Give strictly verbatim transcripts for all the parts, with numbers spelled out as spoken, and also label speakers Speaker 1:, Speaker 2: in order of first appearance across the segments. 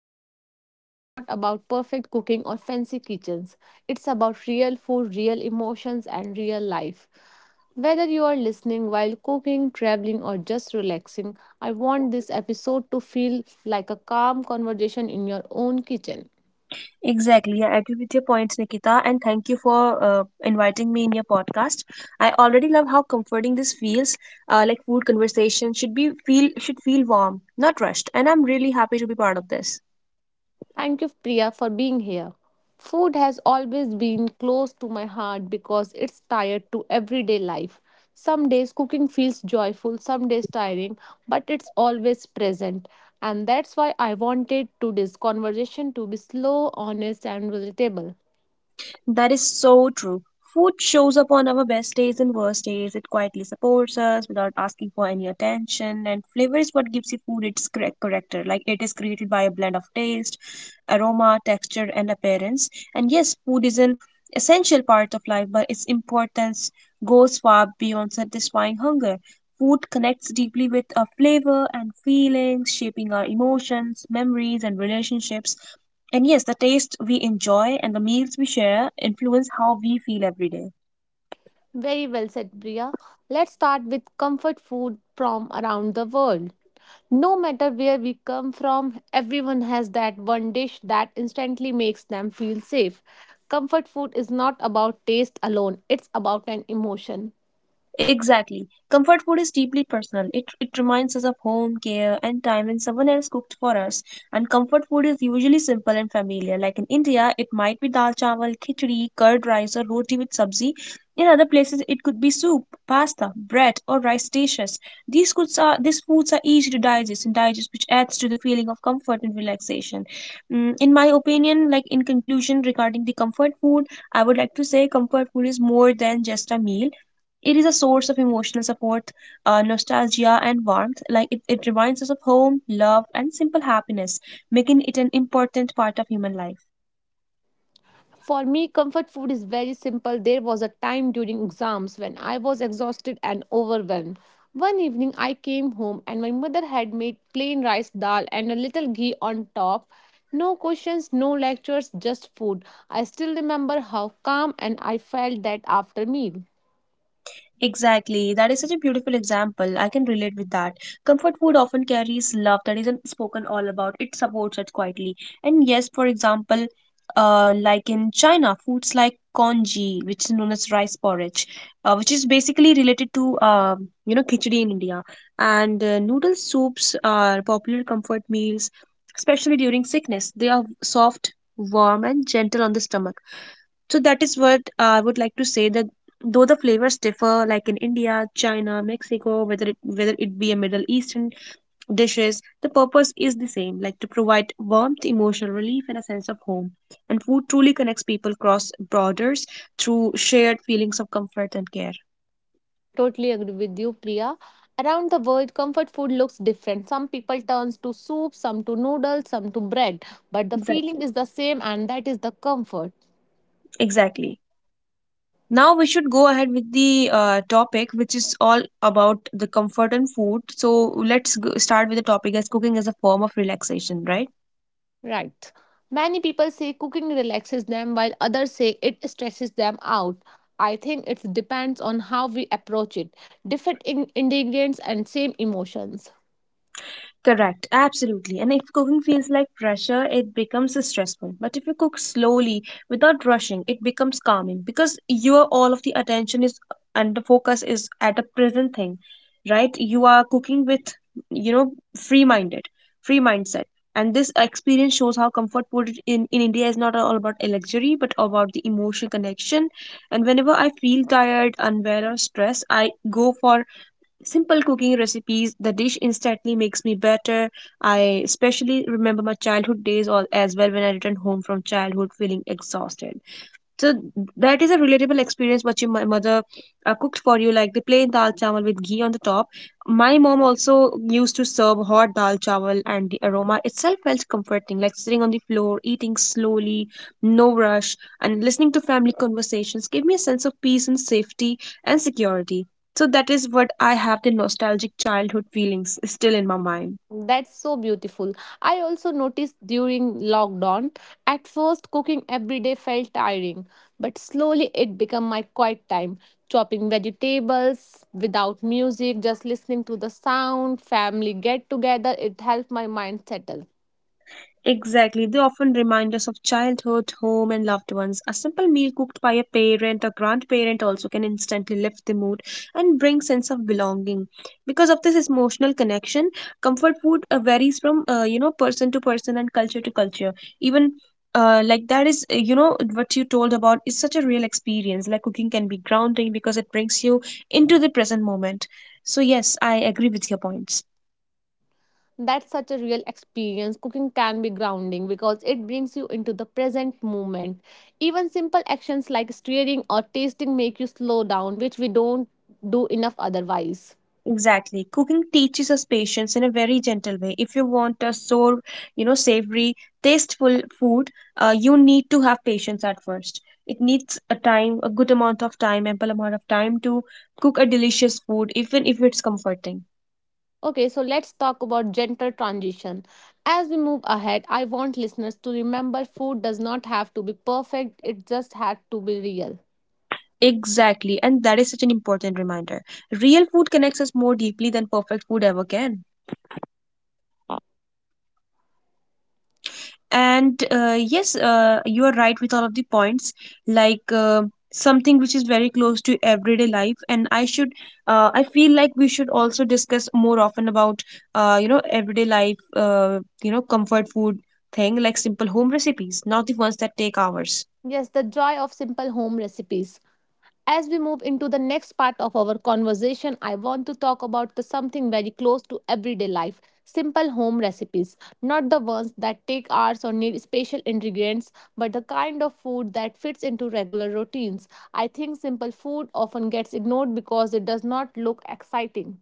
Speaker 1: today's episode is not about perfect cooking or fancy kitchens. It's about real food, real emotions, and real life. Whether you are listening while cooking, traveling, or just relaxing, I want this episode to feel like a calm conversation in your own kitchen.
Speaker 2: Exactly. Yeah, I agree with your points, Nikita, and thank you for uh, inviting me in your podcast. I already love how comforting this feels. Uh, like food conversation should be feel should feel warm, not rushed, and I'm really happy to be part of this.
Speaker 1: Thank you, Priya, for being here. Food has always been close to my heart because it's tied to everyday life. Some days cooking feels joyful, some days tiring, but it's always present. And that's why I wanted today's conversation to be slow, honest, and relatable.
Speaker 2: That is so true. Food shows up on our best days and worst days. It quietly supports us without asking for any attention. And flavor is what gives you food its correct character. Like it is created by a blend of taste, aroma, texture, and appearance. And yes, food is an essential part of life, but its importance goes far beyond satisfying hunger. Food connects deeply with our flavor and feelings, shaping our emotions, memories, and relationships. And yes, the taste we enjoy and the meals we share influence how we feel every day.
Speaker 1: Very well said, Priya. Let's start with comfort food from around the world. No matter where we come from, everyone has that one dish that instantly makes them feel safe. Comfort food is not about taste alone, it's about an emotion.
Speaker 2: Exactly. Comfort food is deeply personal. It, it reminds us of home, care, and time when someone else cooked for us. And comfort food is usually simple and familiar. Like in India, it might be dal chawal, khichdi, curd rice, or roti with sabzi. In other places, it could be soup, pasta, bread, or rice dishes. These foods are these foods are easy to digest and digest, which adds to the feeling of comfort and relaxation. Mm, in my opinion, like in conclusion regarding the comfort food, I would like to say comfort food is more than just a meal, it is a source of emotional support, uh, nostalgia, and warmth. Like it, it reminds us of home, love, and simple happiness, making it an important part of human life.
Speaker 1: For me, comfort food is very simple. There was a time during exams when I was exhausted and overwhelmed. One evening, I came home and my mother had made plain rice dal and a little ghee on top. No questions, no lectures, just food. I still remember how calm and I felt that after meal.
Speaker 2: Exactly. That is such a beautiful example. I can relate with that. Comfort food often carries love that isn't spoken all about. It supports us quietly. And yes, for example, uh, like in China, foods like congee, which is known as rice porridge, uh, which is basically related to um, you know khichdi in India, and uh, noodle soups are popular comfort meals, especially during sickness. They are soft, warm, and gentle on the stomach, so that is what uh, I would like to say that, though the flavors differ, like in India, China, Mexico, whether it whether it be a Middle Eastern dishes, the purpose is the same, like to provide warmth, emotional relief and a sense of home. And food truly connects people across borders through shared feelings of comfort and care.
Speaker 1: Totally agree with you, Priya. Around the world, comfort food looks different. Some people turns to soup, some to noodles, some to bread, but the feeling
Speaker 2: Exactly.
Speaker 1: is the same, and that is the comfort.
Speaker 2: Exactly. Now we should go ahead with the uh, topic, which is all about the comfort and food. So let's go start with the topic as cooking as a form of relaxation, right?
Speaker 1: Right. Many people say cooking relaxes them while others say it stresses them out. I think it depends on how we approach it. Different in- ingredients and same emotions.
Speaker 2: Correct, absolutely. And if cooking feels like pressure, it becomes stressful. But if you cook slowly, without rushing, it becomes calming because your all of the attention is and the focus is at the present thing, right? You are cooking with, you know, free-minded, free mindset. And this experience shows how comfort food in, in India is not all about a luxury, but about the emotional connection. And whenever I feel tired, unwell, or stressed, I go for simple cooking recipes, the dish instantly makes me better. I especially remember my childhood days all as well when I returned home from childhood feeling exhausted. So that is a relatable experience, what your mo- mother uh, cooked for you, like the plain dal chawal with ghee on the top. My mom also used to serve hot dal chawal, and the aroma itself felt comforting, like sitting on the floor, eating slowly, no rush, and listening to family conversations gave me a sense of peace and safety and security. So that is what I have the nostalgic childhood feelings still in my mind.
Speaker 1: That's so beautiful. I also noticed during lockdown, at first cooking every day felt tiring, but slowly it became my quiet time. Chopping vegetables without music, just listening to the sound, family get together, it helped my mind settle.
Speaker 2: Exactly. They often remind us of childhood, home, and loved ones. A simple meal cooked by a parent or grandparent also can instantly lift the mood and bring sense of belonging. Because of this emotional connection, comfort food uh, varies from uh, you know person to person and culture to culture. Even uh, like that is uh, you know what you told about is such a real experience. Like cooking can be grounding because it brings you into the present moment. So yes, I agree with your points.
Speaker 1: That's such a real experience. Cooking can be grounding because it brings you into the present moment. Even simple actions like stirring or tasting make you slow down, which we don't do enough otherwise.
Speaker 2: Exactly. Cooking teaches us patience in a very gentle way. If you want a sour, you know, savory, tasteful food, uh, you need to have patience at first. It needs a time, a good amount of time, ample amount of time to cook a delicious food, even if it's comforting.
Speaker 1: Okay, so let's talk about gentle transition. As we move ahead, I want listeners to remember food does not have to be perfect, it just had to be real.
Speaker 2: Exactly. And that is such an important reminder. Real food connects us more deeply than perfect food ever can. And uh, yes, uh, you are right with all of the points, like uh, something which is very close to everyday life, and i should uh, i feel like we should also discuss more often about uh, you know everyday life uh, you know comfort food thing, like simple home recipes, not the ones that take hours.
Speaker 1: Yes, the joy of simple home recipes. As we move into the next part of our conversation, I want to talk about the something very close to everyday life simple home recipes. Not the ones that take hours or need special ingredients, but the kind of food that fits into regular routines. I think simple food often gets ignored because it does not look exciting.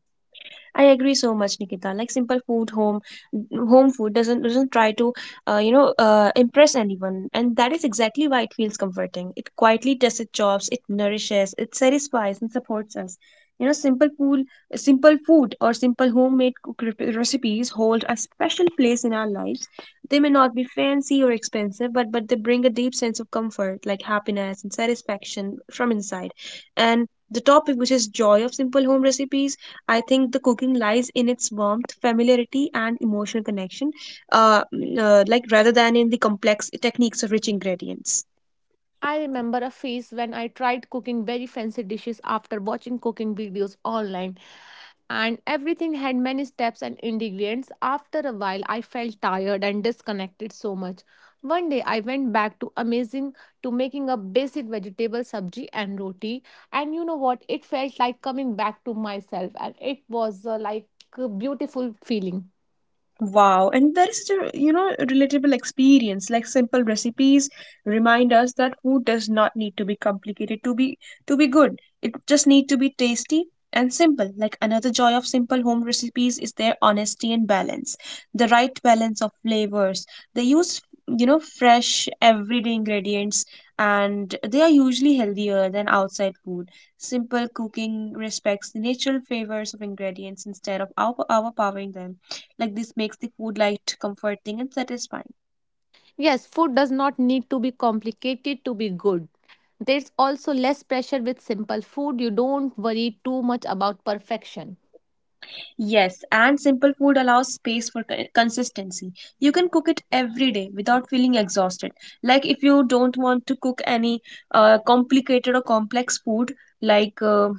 Speaker 2: I agree so much, Nikita. Like simple food, home, mm, home food doesn't doesn't try to, uh, you know, uh, impress anyone, and that is exactly why it feels comforting. It quietly does its jobs. It nourishes. It satisfies and supports us. You know, simple food, simple food, or simple homemade cook- rep- recipes hold a special place in our lives. They may not be fancy or expensive, but but they bring a deep sense of comfort, like happiness and satisfaction from inside. And the topic, which is joy of simple home recipes, I think the cooking lies in its warmth, familiarity, and emotional connection, uh, mm, uh, like rather than in the complex techniques of rich ingredients.
Speaker 1: I remember a phase when I tried cooking very fancy dishes after watching cooking videos online, and everything had many steps and ingredients. After a while, I felt tired and disconnected so much. One day, I went back to amazing to making a basic vegetable sabji and roti. And you know what? It felt like coming back to myself, and it was uh, like a beautiful feeling.
Speaker 2: Wow, and there is such a you know relatable experience. Like simple recipes remind us that food does not need to be complicated to be to be good. It just need to be tasty and simple. Like another joy of simple home recipes is their honesty and balance, the right balance of flavors. They use you know fresh everyday ingredients, and they are usually healthier than outside food. Simple cooking respects the natural flavors of ingredients instead of over- overpowering them, like this makes the food light, comforting, and satisfying.
Speaker 1: Yes, food does not need to be complicated to be good. There's also less pressure with simple food. You don't worry too much about perfection.
Speaker 2: Yes, and simple food allows space for co- consistency. You can cook it every day without feeling exhausted. Like if you don't want to cook any uh, complicated or complex food, like uh,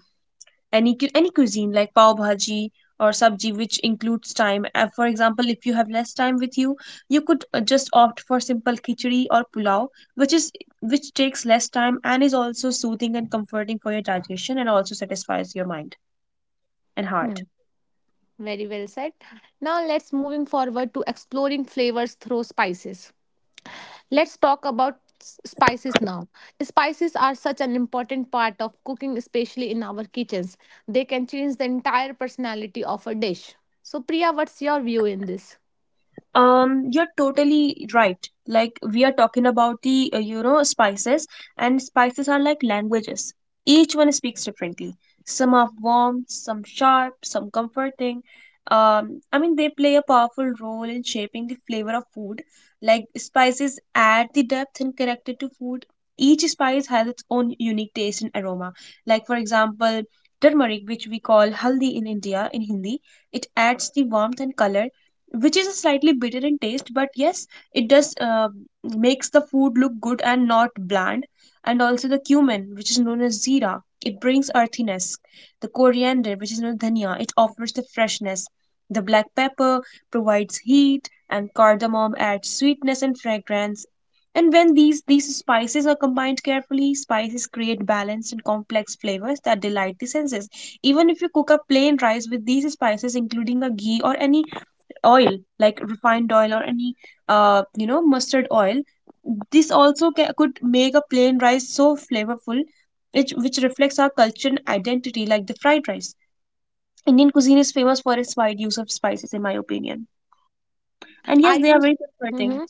Speaker 2: any cu- any cuisine like pav bhaji or sabji which includes time. Uh, for example, if you have less time with you, you could uh, just opt for simple khichdi or pulao, which is which takes less time and is also soothing and comforting for your digestion and also satisfies your mind and
Speaker 1: Hmm.
Speaker 2: heart.
Speaker 1: Very well said. Now let's moving forward to exploring flavors through spices. Let's talk about s- spices now. Spices are such an important part of cooking, especially in our kitchens. They can change the entire personality of a dish. So Priya, what's your view in this?
Speaker 2: Um, you're totally right. Like we are talking about the uh, you know spices, and spices are like languages. Each one speaks differently. Some are warm, some sharp, some comforting. Um, I mean they play a powerful role in shaping the flavor of food. Like spices add the depth and character to food. Each spice has its own unique taste and aroma. Like for example, turmeric, which we call haldi in India in Hindi, it adds the warmth and color, which is slightly bitter in taste, but yes it does uh, makes the food look good and not bland. And also the cumin, which is known as zira, it brings earthiness. The coriander, which is known as dhania, it offers the freshness. The black pepper provides heat, and cardamom adds sweetness and fragrance. And when these these spices are combined carefully, spices create balanced and complex flavors that delight the senses. Even if you cook a plain rice with these spices, including a ghee or any oil, like refined oil or any uh, you know mustard oil, this also ca- could make a plain rice so flavorful, which, which reflects our culture and identity, like the fried rice. Indian cuisine is famous for its wide use of spices, in my opinion, and yes
Speaker 1: Are
Speaker 2: they are
Speaker 1: you?
Speaker 2: very comforting.
Speaker 1: Mhm.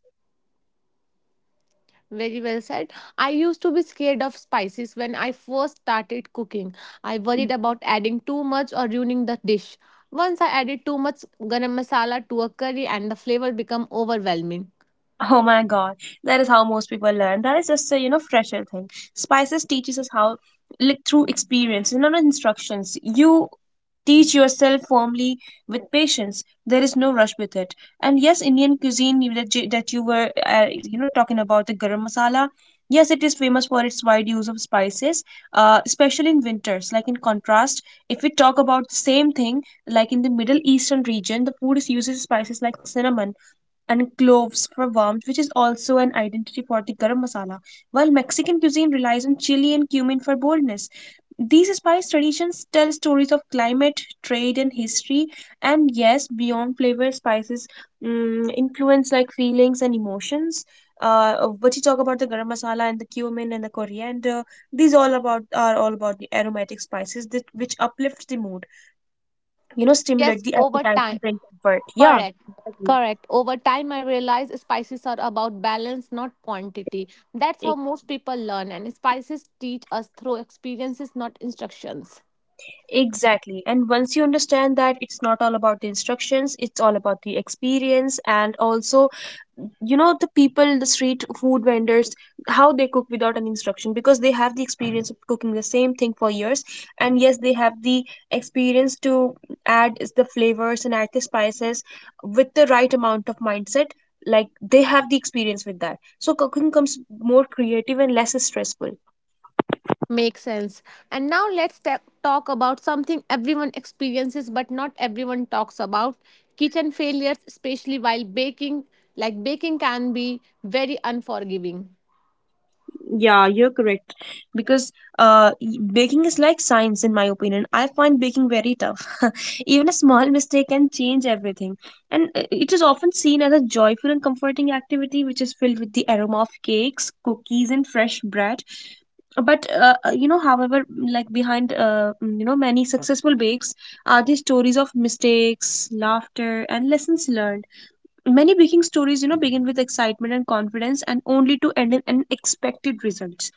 Speaker 1: Very well said. I used to be scared of spices when I first started cooking. I worried about adding too much or ruining the dish. Once I added too much garam masala to a curry and the flavor became overwhelming.
Speaker 2: Oh my god, that is how most people learn. That is just a you know fresher thing. Spices teaches us how, like through experience, you know, not instructions. You teach yourself firmly with patience. There is no rush with it. And yes, Indian cuisine you- that you, that you were uh, you know talking about the garam masala. Yes, it is famous for its wide use of spices, uh, especially in winters. Like in contrast, if we talk about the same thing, like in the Middle Eastern region, the food is uses spices like cinnamon and cloves for warmth, which is also an identity for the garam masala, while Mexican cuisine relies on chili and cumin for boldness. These spice traditions tell stories of climate, trade, and history, and yes, beyond flavor, spices mm influence like feelings and emotions. Uh, what you talk about the garam masala and the cumin and the coriander, these all about are all about the aromatic spices that, which uplift the mood, you know, stimulate
Speaker 1: Yes,
Speaker 2: the
Speaker 1: over
Speaker 2: appetite
Speaker 1: time.
Speaker 2: and bring comfort. Yeah,
Speaker 1: Correct.
Speaker 2: exactly.
Speaker 1: Correct. Over time, I realized spices are about balance, not quantity. That's how most people learn, and spices teach us through experiences, not instructions.
Speaker 2: Exactly. And once you understand that it's not all about the instructions, it's all about the experience and also you know the people, the street food vendors, how they cook without an instruction because they have the experience of cooking the same thing for years. And yes, they have the experience to add is the flavors and add the spices with the right amount of mindset, like they have the experience with that, so cooking comes more creative and less stressful.
Speaker 1: Makes sense. And now let's ta- talk about something everyone experiences but not everyone talks about kitchen failures, especially while baking. Like baking can be very unforgiving.
Speaker 2: Yeah, you're correct. Because uh, y- baking is like science, in my opinion. I find baking very tough. Even a small mistake can change everything. And uh, it is often seen as a joyful and comforting activity, which is filled with the aroma of cakes, cookies, and fresh bread. But uh, uh, you know, however, like behind uh, mm, you know many successful bakes are the stories of mistakes, laughter, and lessons learned. Many baking stories, you know, begin with excitement and confidence and only to end in unexpected results.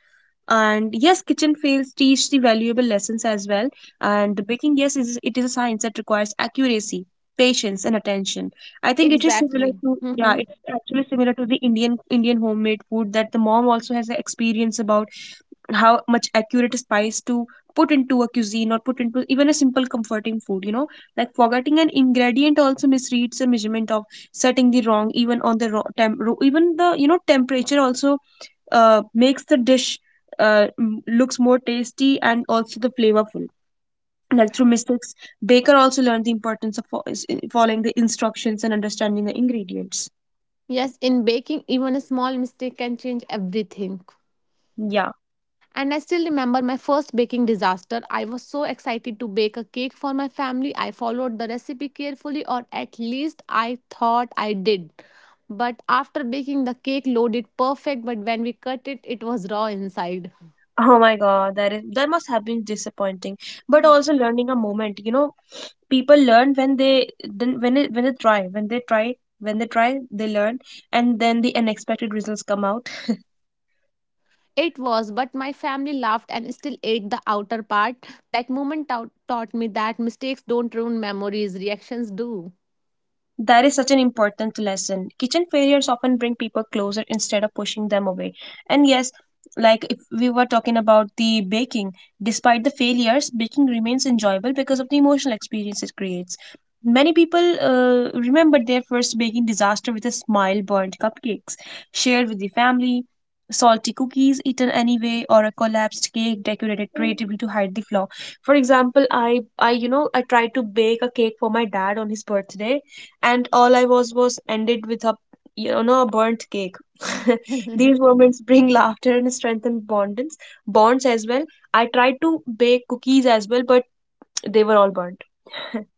Speaker 2: And yes, kitchen fails teach the valuable lessons as well. And baking, yes, is it is a science that requires accuracy, patience, and attention. I think it is similar
Speaker 1: Exactly.
Speaker 2: to, yeah,
Speaker 1: Hmm.
Speaker 2: it is actually similar to the Indian Indian homemade food, that the mom also has an experience about how much accurate spice to put into a cuisine, or put into even a simple comforting food, you know, like forgetting an ingredient also misreads the measurement of setting the wrong, even on the raw temp ro- even the, you know, temperature also uh, makes the dish uh, m- looks more tasty and also the flavorful. Like through mistakes, baker also learned the importance of fo- is- following the instructions and understanding the ingredients.
Speaker 1: Yes, in baking, even a small mistake can change everything.
Speaker 2: Yeah.
Speaker 1: And I still remember my first baking disaster. I was so excited to bake a cake for my family. I followed the recipe carefully, or at least I thought I did. But after baking, the cake loaded perfect, but when we cut it, it was raw inside.
Speaker 2: Oh my god, that, is that must have been disappointing, but also learning a moment, you know. People learn when they, then when it, when they try when they try when they try they learn, and then the unexpected results come out.
Speaker 1: It was, but my family laughed and still ate the outer part. That moment tau- taught me that mistakes don't ruin memories, reactions do.
Speaker 2: That is such an important lesson. Kitchen failures often bring people closer instead of pushing them away. And yes, like if we were talking about the baking, despite the failures, baking remains enjoyable because of the emotional experience it creates. Many people uh, remember their first baking disaster with a smile: burnt cupcakes shared with the family, salty cookies eaten anyway, or a collapsed cake decorated creatively to hide the flaw. For example, I, I you know, I tried to bake a cake for my dad on his birthday, and all I was was ended with a, you know, a burnt cake. These moments bring laughter and strengthen bonds bonds as well. I tried to bake cookies as well, but they were all burnt.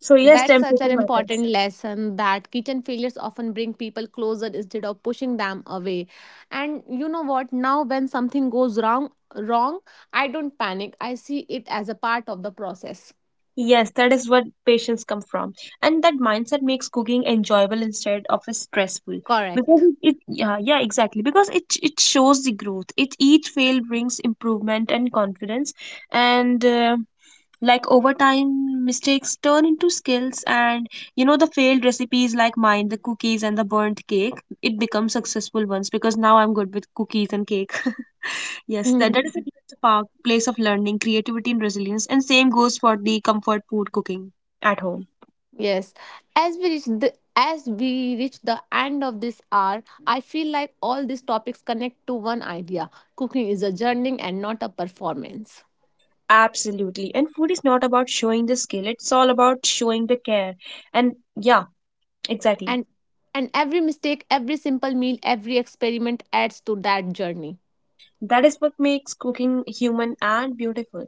Speaker 2: So yes,
Speaker 1: That's such an
Speaker 2: temperature matters.
Speaker 1: important lesson that kitchen failures often bring people closer instead of pushing them away. And you know what? Now, when something goes wrong, wrong, I don't panic. I see it as a part of the process.
Speaker 2: Yes, that is what patients come from, and that mindset makes cooking enjoyable instead of a stressful. Because
Speaker 1: Correct.
Speaker 2: it, it yeah, yeah, exactly. Because it it shows the growth. It Each fail brings improvement and confidence, and. Uh, like over time mistakes turn into skills, and you know the failed recipes like mine, the cookies and the burnt cake, it becomes successful ones because now I'm good with cookies and cake. Yes, that, that is a good place of learning creativity and resilience, and same goes for the comfort food cooking at home.
Speaker 1: Yes. As we reach the as we reach the end of this hour, I feel like all these topics connect to one idea: cooking is a journey and not a performance.
Speaker 2: Absolutely. And food is not about showing the skill, it's all about showing the care. And yeah, exactly.
Speaker 1: and and every mistake, every simple meal, every experiment adds to that journey.
Speaker 2: That is what makes cooking human and beautiful.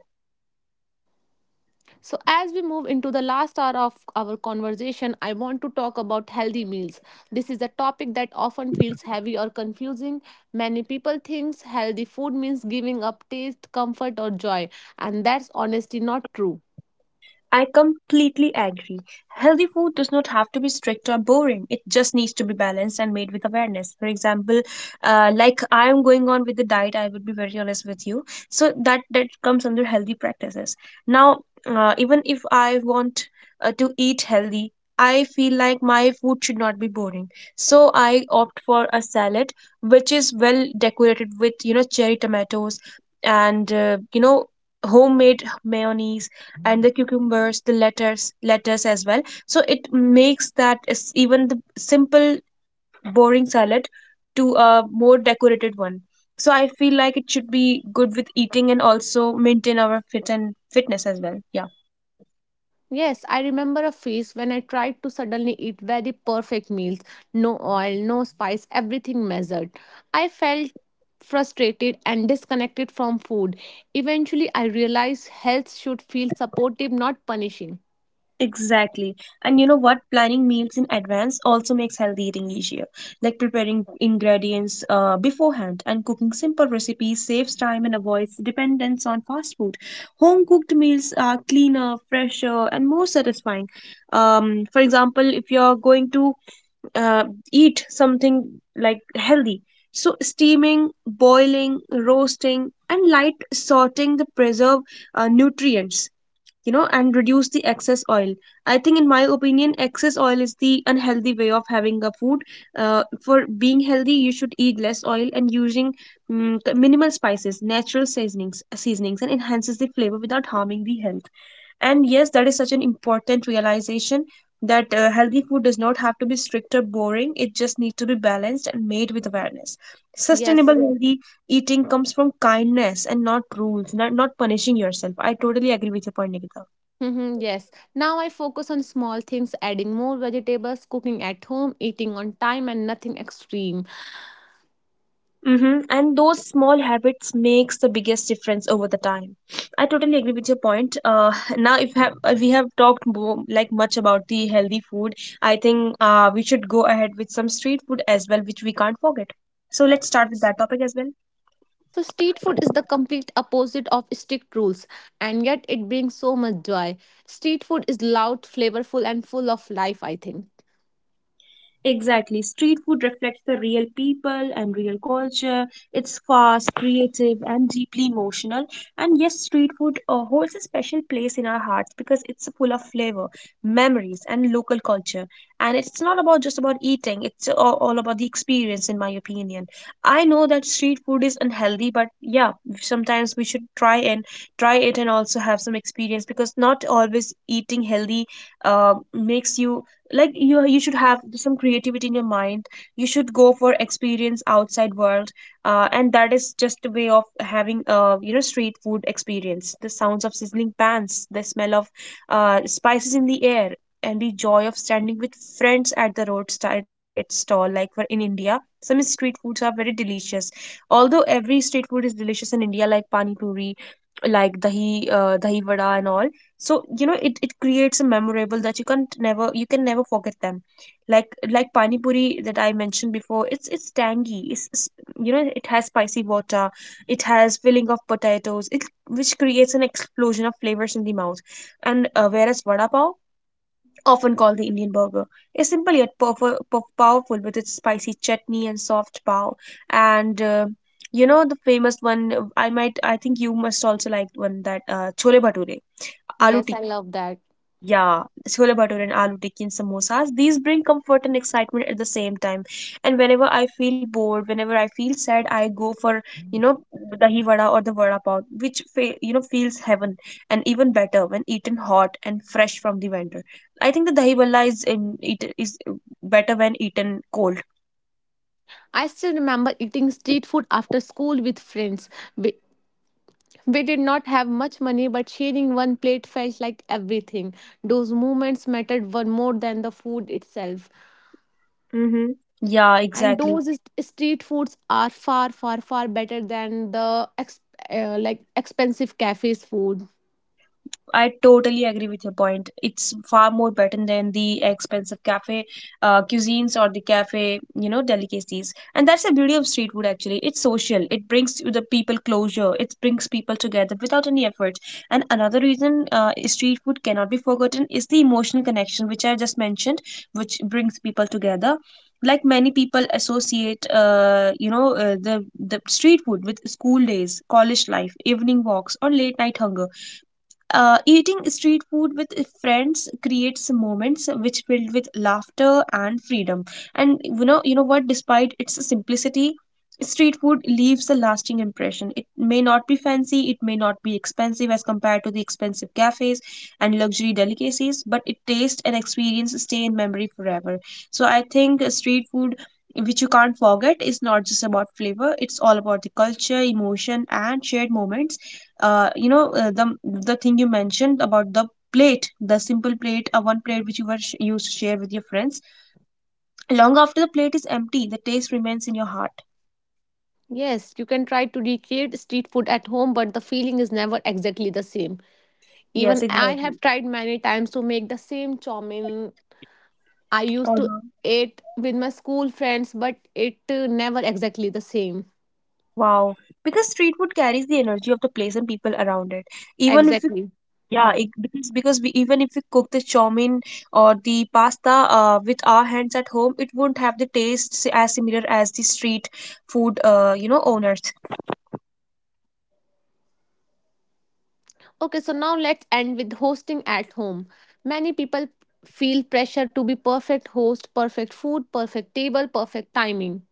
Speaker 1: So as we move into the last hour of our conversation, I want to talk about healthy meals. This is a topic that often feels heavy or confusing. Many people think healthy food means giving up taste, comfort or joy, and that's honestly not true.
Speaker 2: I completely agree. Healthy food does not have to be strict or boring. It just needs to be balanced and made with awareness. For example, uh, like I am going on with the diet, I would be very honest with you. So that that comes under healthy practices. Now, uh, even if I want uh, to eat healthy, I feel like my food should not be boring. So I opt for a salad which is well decorated with, you know, cherry tomatoes, and uh, you know homemade mayonnaise, and the cucumbers, the letters lettuce as well. So it makes, that is, even the simple boring salad to a more decorated one. So I feel like it should be good with eating and also maintain our fit and fitness as well, yeah.
Speaker 1: Yes, I remember a phase when I tried to suddenly eat very perfect meals, no oil, no spice, everything measured. I felt frustrated and disconnected from food. Eventually, I realized health should feel supportive, not punishing.
Speaker 2: Exactly. And you know what? Planning meals in advance also makes healthy eating easier. Like preparing ingredients uh, beforehand and cooking simple recipes saves time and avoids dependence on fast food. Home cooked meals are cleaner, fresher, and more satisfying. Um, for example, if you're going to uh, eat something like healthy, so steaming, boiling, roasting, and light sorting, the preserve uh, nutrients, you know, and reduce the excess oil. I think, in my opinion, excess oil is the unhealthy way of having a food. Uh, for being healthy, you should eat less oil and using mm, minimal spices, natural seasonings, seasonings, and enhances the flavor without harming the health. And yes, that is such an important realization that uh, healthy food does not have to be strict or boring. It just needs to be balanced and made with awareness. Sustainable,
Speaker 1: Yes.
Speaker 2: healthy eating comes from kindness and not rules, not, not punishing yourself. I totally agree with your point, Nikita.
Speaker 1: Mhm, yes. Now I focus on small things, adding more vegetables, cooking at home, eating on time, and nothing extreme.
Speaker 2: Mm-hmm. And those small habits makes the biggest difference over the time. I totally agree with your point. Uh, now, if have, uh, we have talked more, like much, about the healthy food. I think uh, we should go ahead with some street food as well, which we can't forget. So let's start with that topic as well.
Speaker 1: So, street food is the complete opposite of strict rules, and yet it brings so much joy. Street food is loud, flavorful, and full of life, I think.
Speaker 2: Exactly. Street food reflects the real people and real culture. It's fast, creative, and deeply emotional. And yes, street food uh, holds a special place in our hearts because it's full of flavor, memories, and local culture. And it's not about just about eating, it's a- all about the experience, in my opinion. I know that street food is unhealthy, but yeah, sometimes we should try and try it and also have some experience, because not always eating healthy uh, makes you, like you you should have some creativity in your mind. You should go for experience outside world, uh, and that is just a way of having, uh, you know street food experience: the sounds of sizzling pans, the smell of uh, spices in the air, and the joy of standing with friends at the roadside side stall. Like for in India, some street foods are very delicious, although every street food is delicious in India, like pani puri, like dahi, uh, dahi vada and all. So you know, it, it creates a memorable that you can't never you can never forget them. like like pani puri that I mentioned before, it's it's tangy, it's, it's, you know, it has spicy water, it has filling of potatoes, it, which creates an explosion of flavors in the mouth. And uh, whereas vada pav, often called the Indian burger, is simple yet powerful, powerful with its spicy chutney and soft pav. And uh, you know the famous one, uh, i might I think you must also like one, that uh, chole bhature, aloo.
Speaker 1: Yes, I love that.
Speaker 2: Yeah, chole bhature and aloo tikki and samosas, these bring comfort and excitement at the same time. And whenever I feel bored, whenever I feel sad, I go for, you know, dahi vada or the vada pav, which fe you know feels heaven, and even better when eaten hot and fresh from the vendor. I think the dahi vada is in it is better when eaten cold.
Speaker 1: I still remember eating street food after school with friends. We, we did not have much money, but sharing one plate felt like everything. Those moments mattered one more than the food itself.
Speaker 2: Mm-hmm. Yeah,
Speaker 1: And
Speaker 2: exactly.
Speaker 1: those is- street foods are far, far, far better than the ex- uh, like expensive cafes food.
Speaker 2: I totally agree with your point. It's far more better than the expensive cafe uh, cuisines, or the cafe, you know, delicacies. And that's the beauty of street food actually. It's social. It brings you the people closure. It brings people together without any effort. And another reason uh, street food cannot be forgotten is the emotional connection which I just mentioned, which brings people together. Like many people associate, uh, you know, uh, the the street food with school days, college life, evening walks, or late night hunger. Uh, eating street food with friends creates moments which filled with laughter and freedom. And you know, you know what? Despite its simplicity, street food leaves a lasting impression. It may not be fancy, it may not be expensive as compared to the expensive cafes and luxury delicacies, but it taste and experience stay in memory forever. So I think uh, street food. Which you can't forget is not just about flavor, it's all about the culture, emotion, and shared moments. uh, you know uh, the the thing you mentioned about the plate, the simple plate, a one plate which you were sh- used to share with your friends. Long after the plate is empty, the taste remains in your heart.
Speaker 1: Yes, you can try to recreate street food at home, but the feeling is never exactly the same.
Speaker 2: Yes,
Speaker 1: Even I
Speaker 2: exactly.
Speaker 1: have tried many times to make the same chow mein I used to
Speaker 2: Uh-huh.
Speaker 1: eat with my school friends, but it uh, never exactly the same.
Speaker 2: Wow. Because street food carries the energy of the place and people around it, even if it,
Speaker 1: Exactly.
Speaker 2: yeah
Speaker 1: Hmm.
Speaker 2: it, because because we, even if we cook the chowmein or the pasta uh, with our hands at home, it won't have the taste s- as similar as the street food uh, you know, owners.
Speaker 1: Okay, so now let's end with hosting at home. Many people feel pressure to be perfect host, perfect food, perfect table, perfect timing.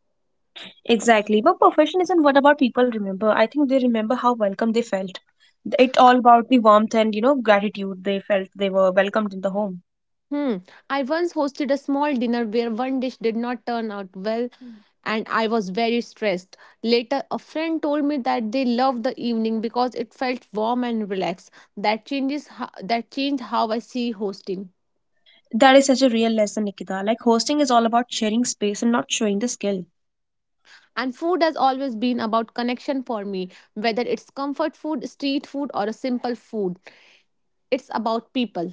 Speaker 2: Exactly. But profession isn't what about people remember. I think they remember how welcome they felt. It all about the warmth and, you know, gratitude they felt they were welcomed in the home.
Speaker 1: Hmm. I once hosted a small dinner where one dish did not turn out well. Hmm. And I was very stressed. Later, a friend told me that they loved the evening because it felt warm and relaxed. That changes ho- that changed how I see hosting.
Speaker 2: That is such a real lesson, Nikita. Like hosting is all about sharing space and not showing the skill.
Speaker 1: And food has always been about connection for me, whether it's comfort food, street food, or a simple food. It's about people.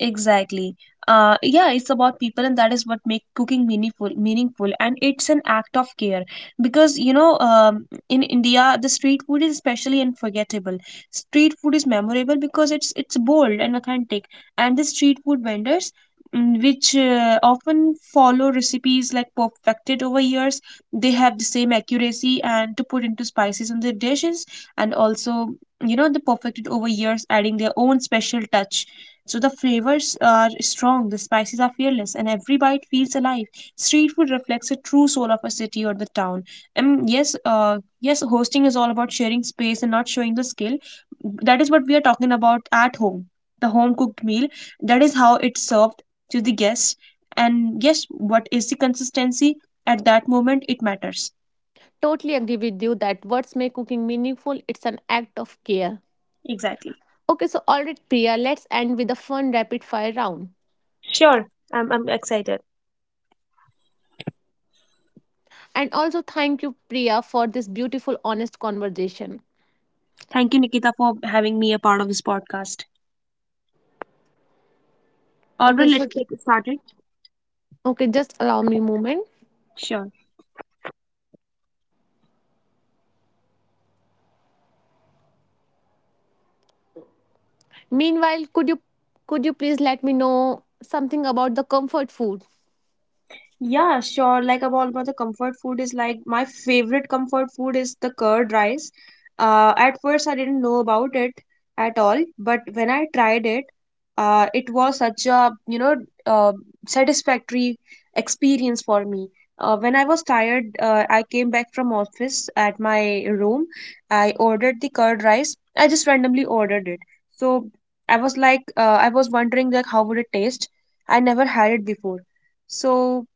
Speaker 2: Exactly. Uh, yeah, it's about people, and that is what make cooking meaningful. Meaningful, and it's an act of care because you know, um, in India, the street food is especially unforgettable. Street food is memorable because it's it's bold and authentic, and the street food vendors. mm, Which uh, often follow recipes like perfected over years. They have the same accuracy and to put into spices in their dishes, and also, you know, the perfected over years, adding their own special touch, so the flavors are strong, the spices are fearless, and every bite feels alive. Street food reflects the true soul of a city or the town. And yes, uh, yes, hosting is all about sharing space and not showing the skill. That is what we are talking about at home. The home cooked meal. That is how it's served to the guests. And yes, what is the consistency at that moment? It matters.
Speaker 1: Totally agree with you that words make cooking meaningful. It's an act of care.
Speaker 2: Exactly.
Speaker 1: Okay, so all right, Priya, let's end with a fun rapid fire round.
Speaker 2: Sure. I'm, I'm excited.
Speaker 1: And also thank you, Priya, for this beautiful, honest conversation.
Speaker 2: Thank you, Nikita, for having me a part of this podcast. All
Speaker 1: Okay,
Speaker 2: right,
Speaker 1: so
Speaker 2: let's get started.
Speaker 1: okay, just allow me a moment.
Speaker 2: Sure.
Speaker 1: Meanwhile, could you could you please let me know something about the comfort food?
Speaker 2: Yeah, sure. Like about about the comfort food is like my favorite comfort food is the curd rice. Uh, at first I didn't know about it at all, but when I tried it, uh, it was such a, you know uh, satisfactory experience for me. Uh, when I was tired, uh, I came back from office at my room. I ordered the curd rice. I just randomly ordered it. So I was like, uh, I was wondering like how would it taste? I never had it before. So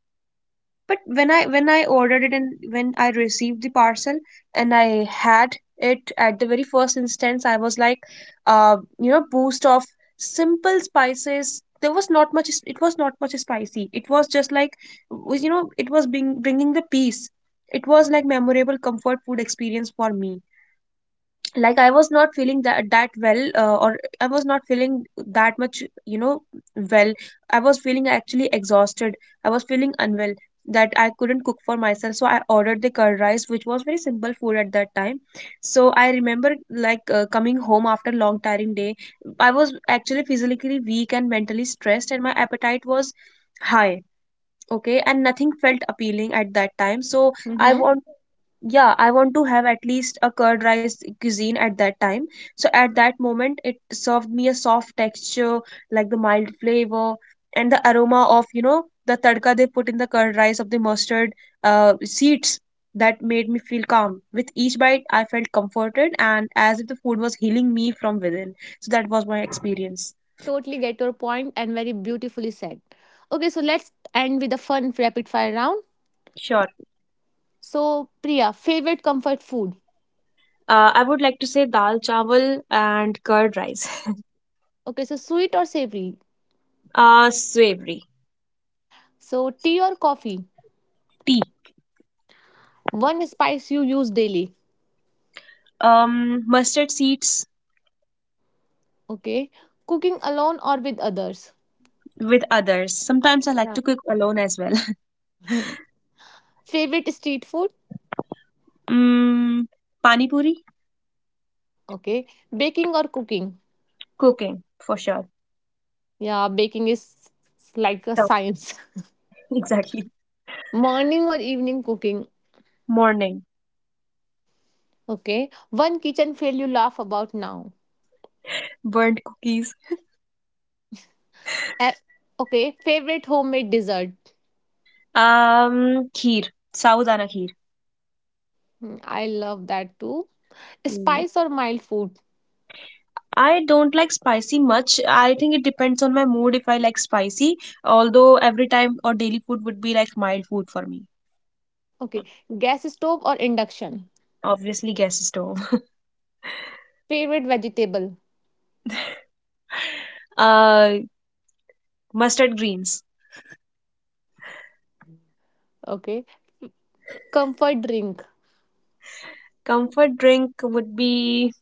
Speaker 2: but when i when i ordered it and when I received the parcel and I had it at the very first instance, I was like, uh you know, boost of simple spices. There was not much, it was not much spicy. It was just like, was- you know, it was being bringing the peace. It was like memorable comfort food experience for me. Like I was not feeling that that well, uh, or I was not feeling that much, you know, well. I was feeling actually exhausted. I was feeling unwell, that I couldn't cook for myself, so I ordered the curd rice, which was very simple food at that time. So I remember like, uh, coming home after long tiring day, I was actually physically weak and mentally stressed and my appetite was high. Okay, and nothing felt appealing at that time. So I
Speaker 1: Mm-hmm.
Speaker 2: want, yeah, I want to have at least a curd rice cuisine at that time. So at that moment, it served me a soft texture, like the mild flavor and the aroma of, you know, the tadka they put in the curd rice of the mustard uh, seeds, that made me feel calm. With each bite I felt comforted, and as if the food was healing me from within. So that was my experience.
Speaker 1: Totally get your point and very beautifully said. Okay, so let's end with a fun rapid fire round.
Speaker 2: Sure.
Speaker 1: So, Priya, favorite comfort food?
Speaker 2: Uh, I would like to say dal chawal and curd rice.
Speaker 1: Okay, so sweet or savory?
Speaker 2: Uh, savory.
Speaker 1: So, tea or coffee?
Speaker 2: Tea.
Speaker 1: One spice you use daily.
Speaker 2: Um, mustard seeds.
Speaker 1: Okay, cooking alone or with others?
Speaker 2: With others. Sometimes I like
Speaker 1: Yeah.
Speaker 2: to cook alone as well.
Speaker 1: Favorite street food?
Speaker 2: Mm, pani puri.
Speaker 1: Okay. Baking or cooking?
Speaker 2: Cooking for sure.
Speaker 1: Yeah, baking is like a
Speaker 2: Yeah,
Speaker 1: science.
Speaker 2: exactly.
Speaker 1: Morning or evening cooking?
Speaker 2: Morning.
Speaker 1: Okay. One kitchen fail you laugh about now.
Speaker 2: Burnt cookies.
Speaker 1: Eh. Okay. Favorite homemade dessert?
Speaker 2: Um, kheer. Saudana kheer.
Speaker 1: Hmm, I love that too.
Speaker 2: Mm.
Speaker 1: Spice or mild food?
Speaker 2: I don't like spicy much. I think it depends on my mood if I like spicy. Although every time or daily food would be like mild food for me.
Speaker 1: Okay. Gas stove or induction?
Speaker 2: Obviously, gas stove.
Speaker 1: Favorite vegetable?
Speaker 2: uh, Mustard greens.
Speaker 1: Okay. Comfort drink?
Speaker 2: Comfort drink would be,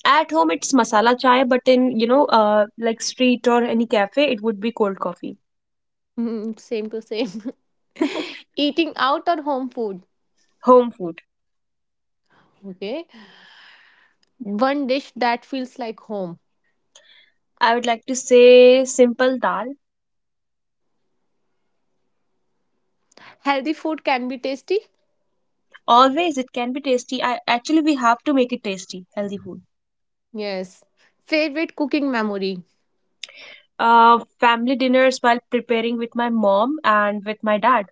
Speaker 2: at home it's masala chai, but in, you know, uh, like street or any cafe it would be cold coffee.
Speaker 1: Hmm, same to same. Eating out or home food?
Speaker 2: Home food.
Speaker 1: Okay. One dish that feels like home.
Speaker 2: I would like to say simple dal.
Speaker 1: Healthy food can be tasty.
Speaker 2: Always it can be tasty. I actually we have to make it tasty, healthy food.
Speaker 1: Yes. Favorite cooking memory.
Speaker 2: Uh, family dinners while preparing with my mom and with my dad.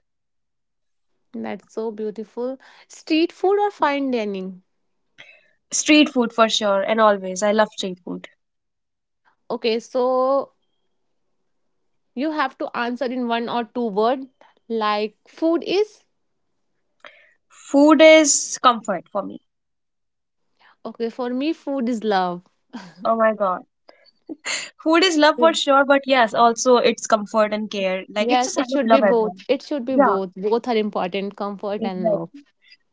Speaker 1: That's so beautiful. Street food or fine dining?
Speaker 2: Street food for sure, and always I love street food.
Speaker 1: Okay, so you have to answer in one or two word. Like food is?
Speaker 2: Food is comfort for me.
Speaker 1: Okay, for me food is love.
Speaker 2: Oh my god. Food is love for
Speaker 1: Yes.
Speaker 2: sure, but yes, also it's comfort and care. Like it's a
Speaker 1: Yes,
Speaker 2: sign
Speaker 1: it
Speaker 2: of
Speaker 1: should be
Speaker 2: love as well.
Speaker 1: both. It should be
Speaker 2: Yeah,
Speaker 1: both. Both are important, comfort and love.
Speaker 2: exactly.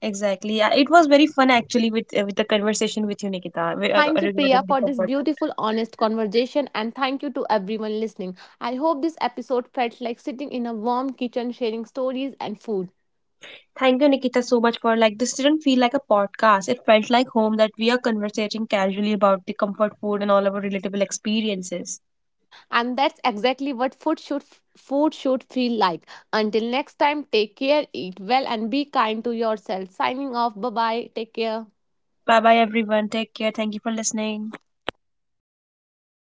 Speaker 2: Exactly. Yeah, it was very fun actually with uh, with the conversation with you, Nikita, wi- uh,
Speaker 1: Thank you, Priya,
Speaker 2: regarding the
Speaker 1: for this
Speaker 2: comfort food.
Speaker 1: beautiful, honest conversation. And thank you to everyone listening. I hope this episode felt like sitting in a warm kitchen, sharing stories and food.
Speaker 2: Thank you, Nikita, so much for like this didn't feel like a podcast. It felt like home that we are conversating casually about the comfort food and all our relatable experiences.
Speaker 1: And that's exactly what food should food should feel like. Until next time, take care, eat well and be kind to yourself. Signing off, bye bye, take care.
Speaker 2: Bye bye everyone. Take care. Thank you for listening.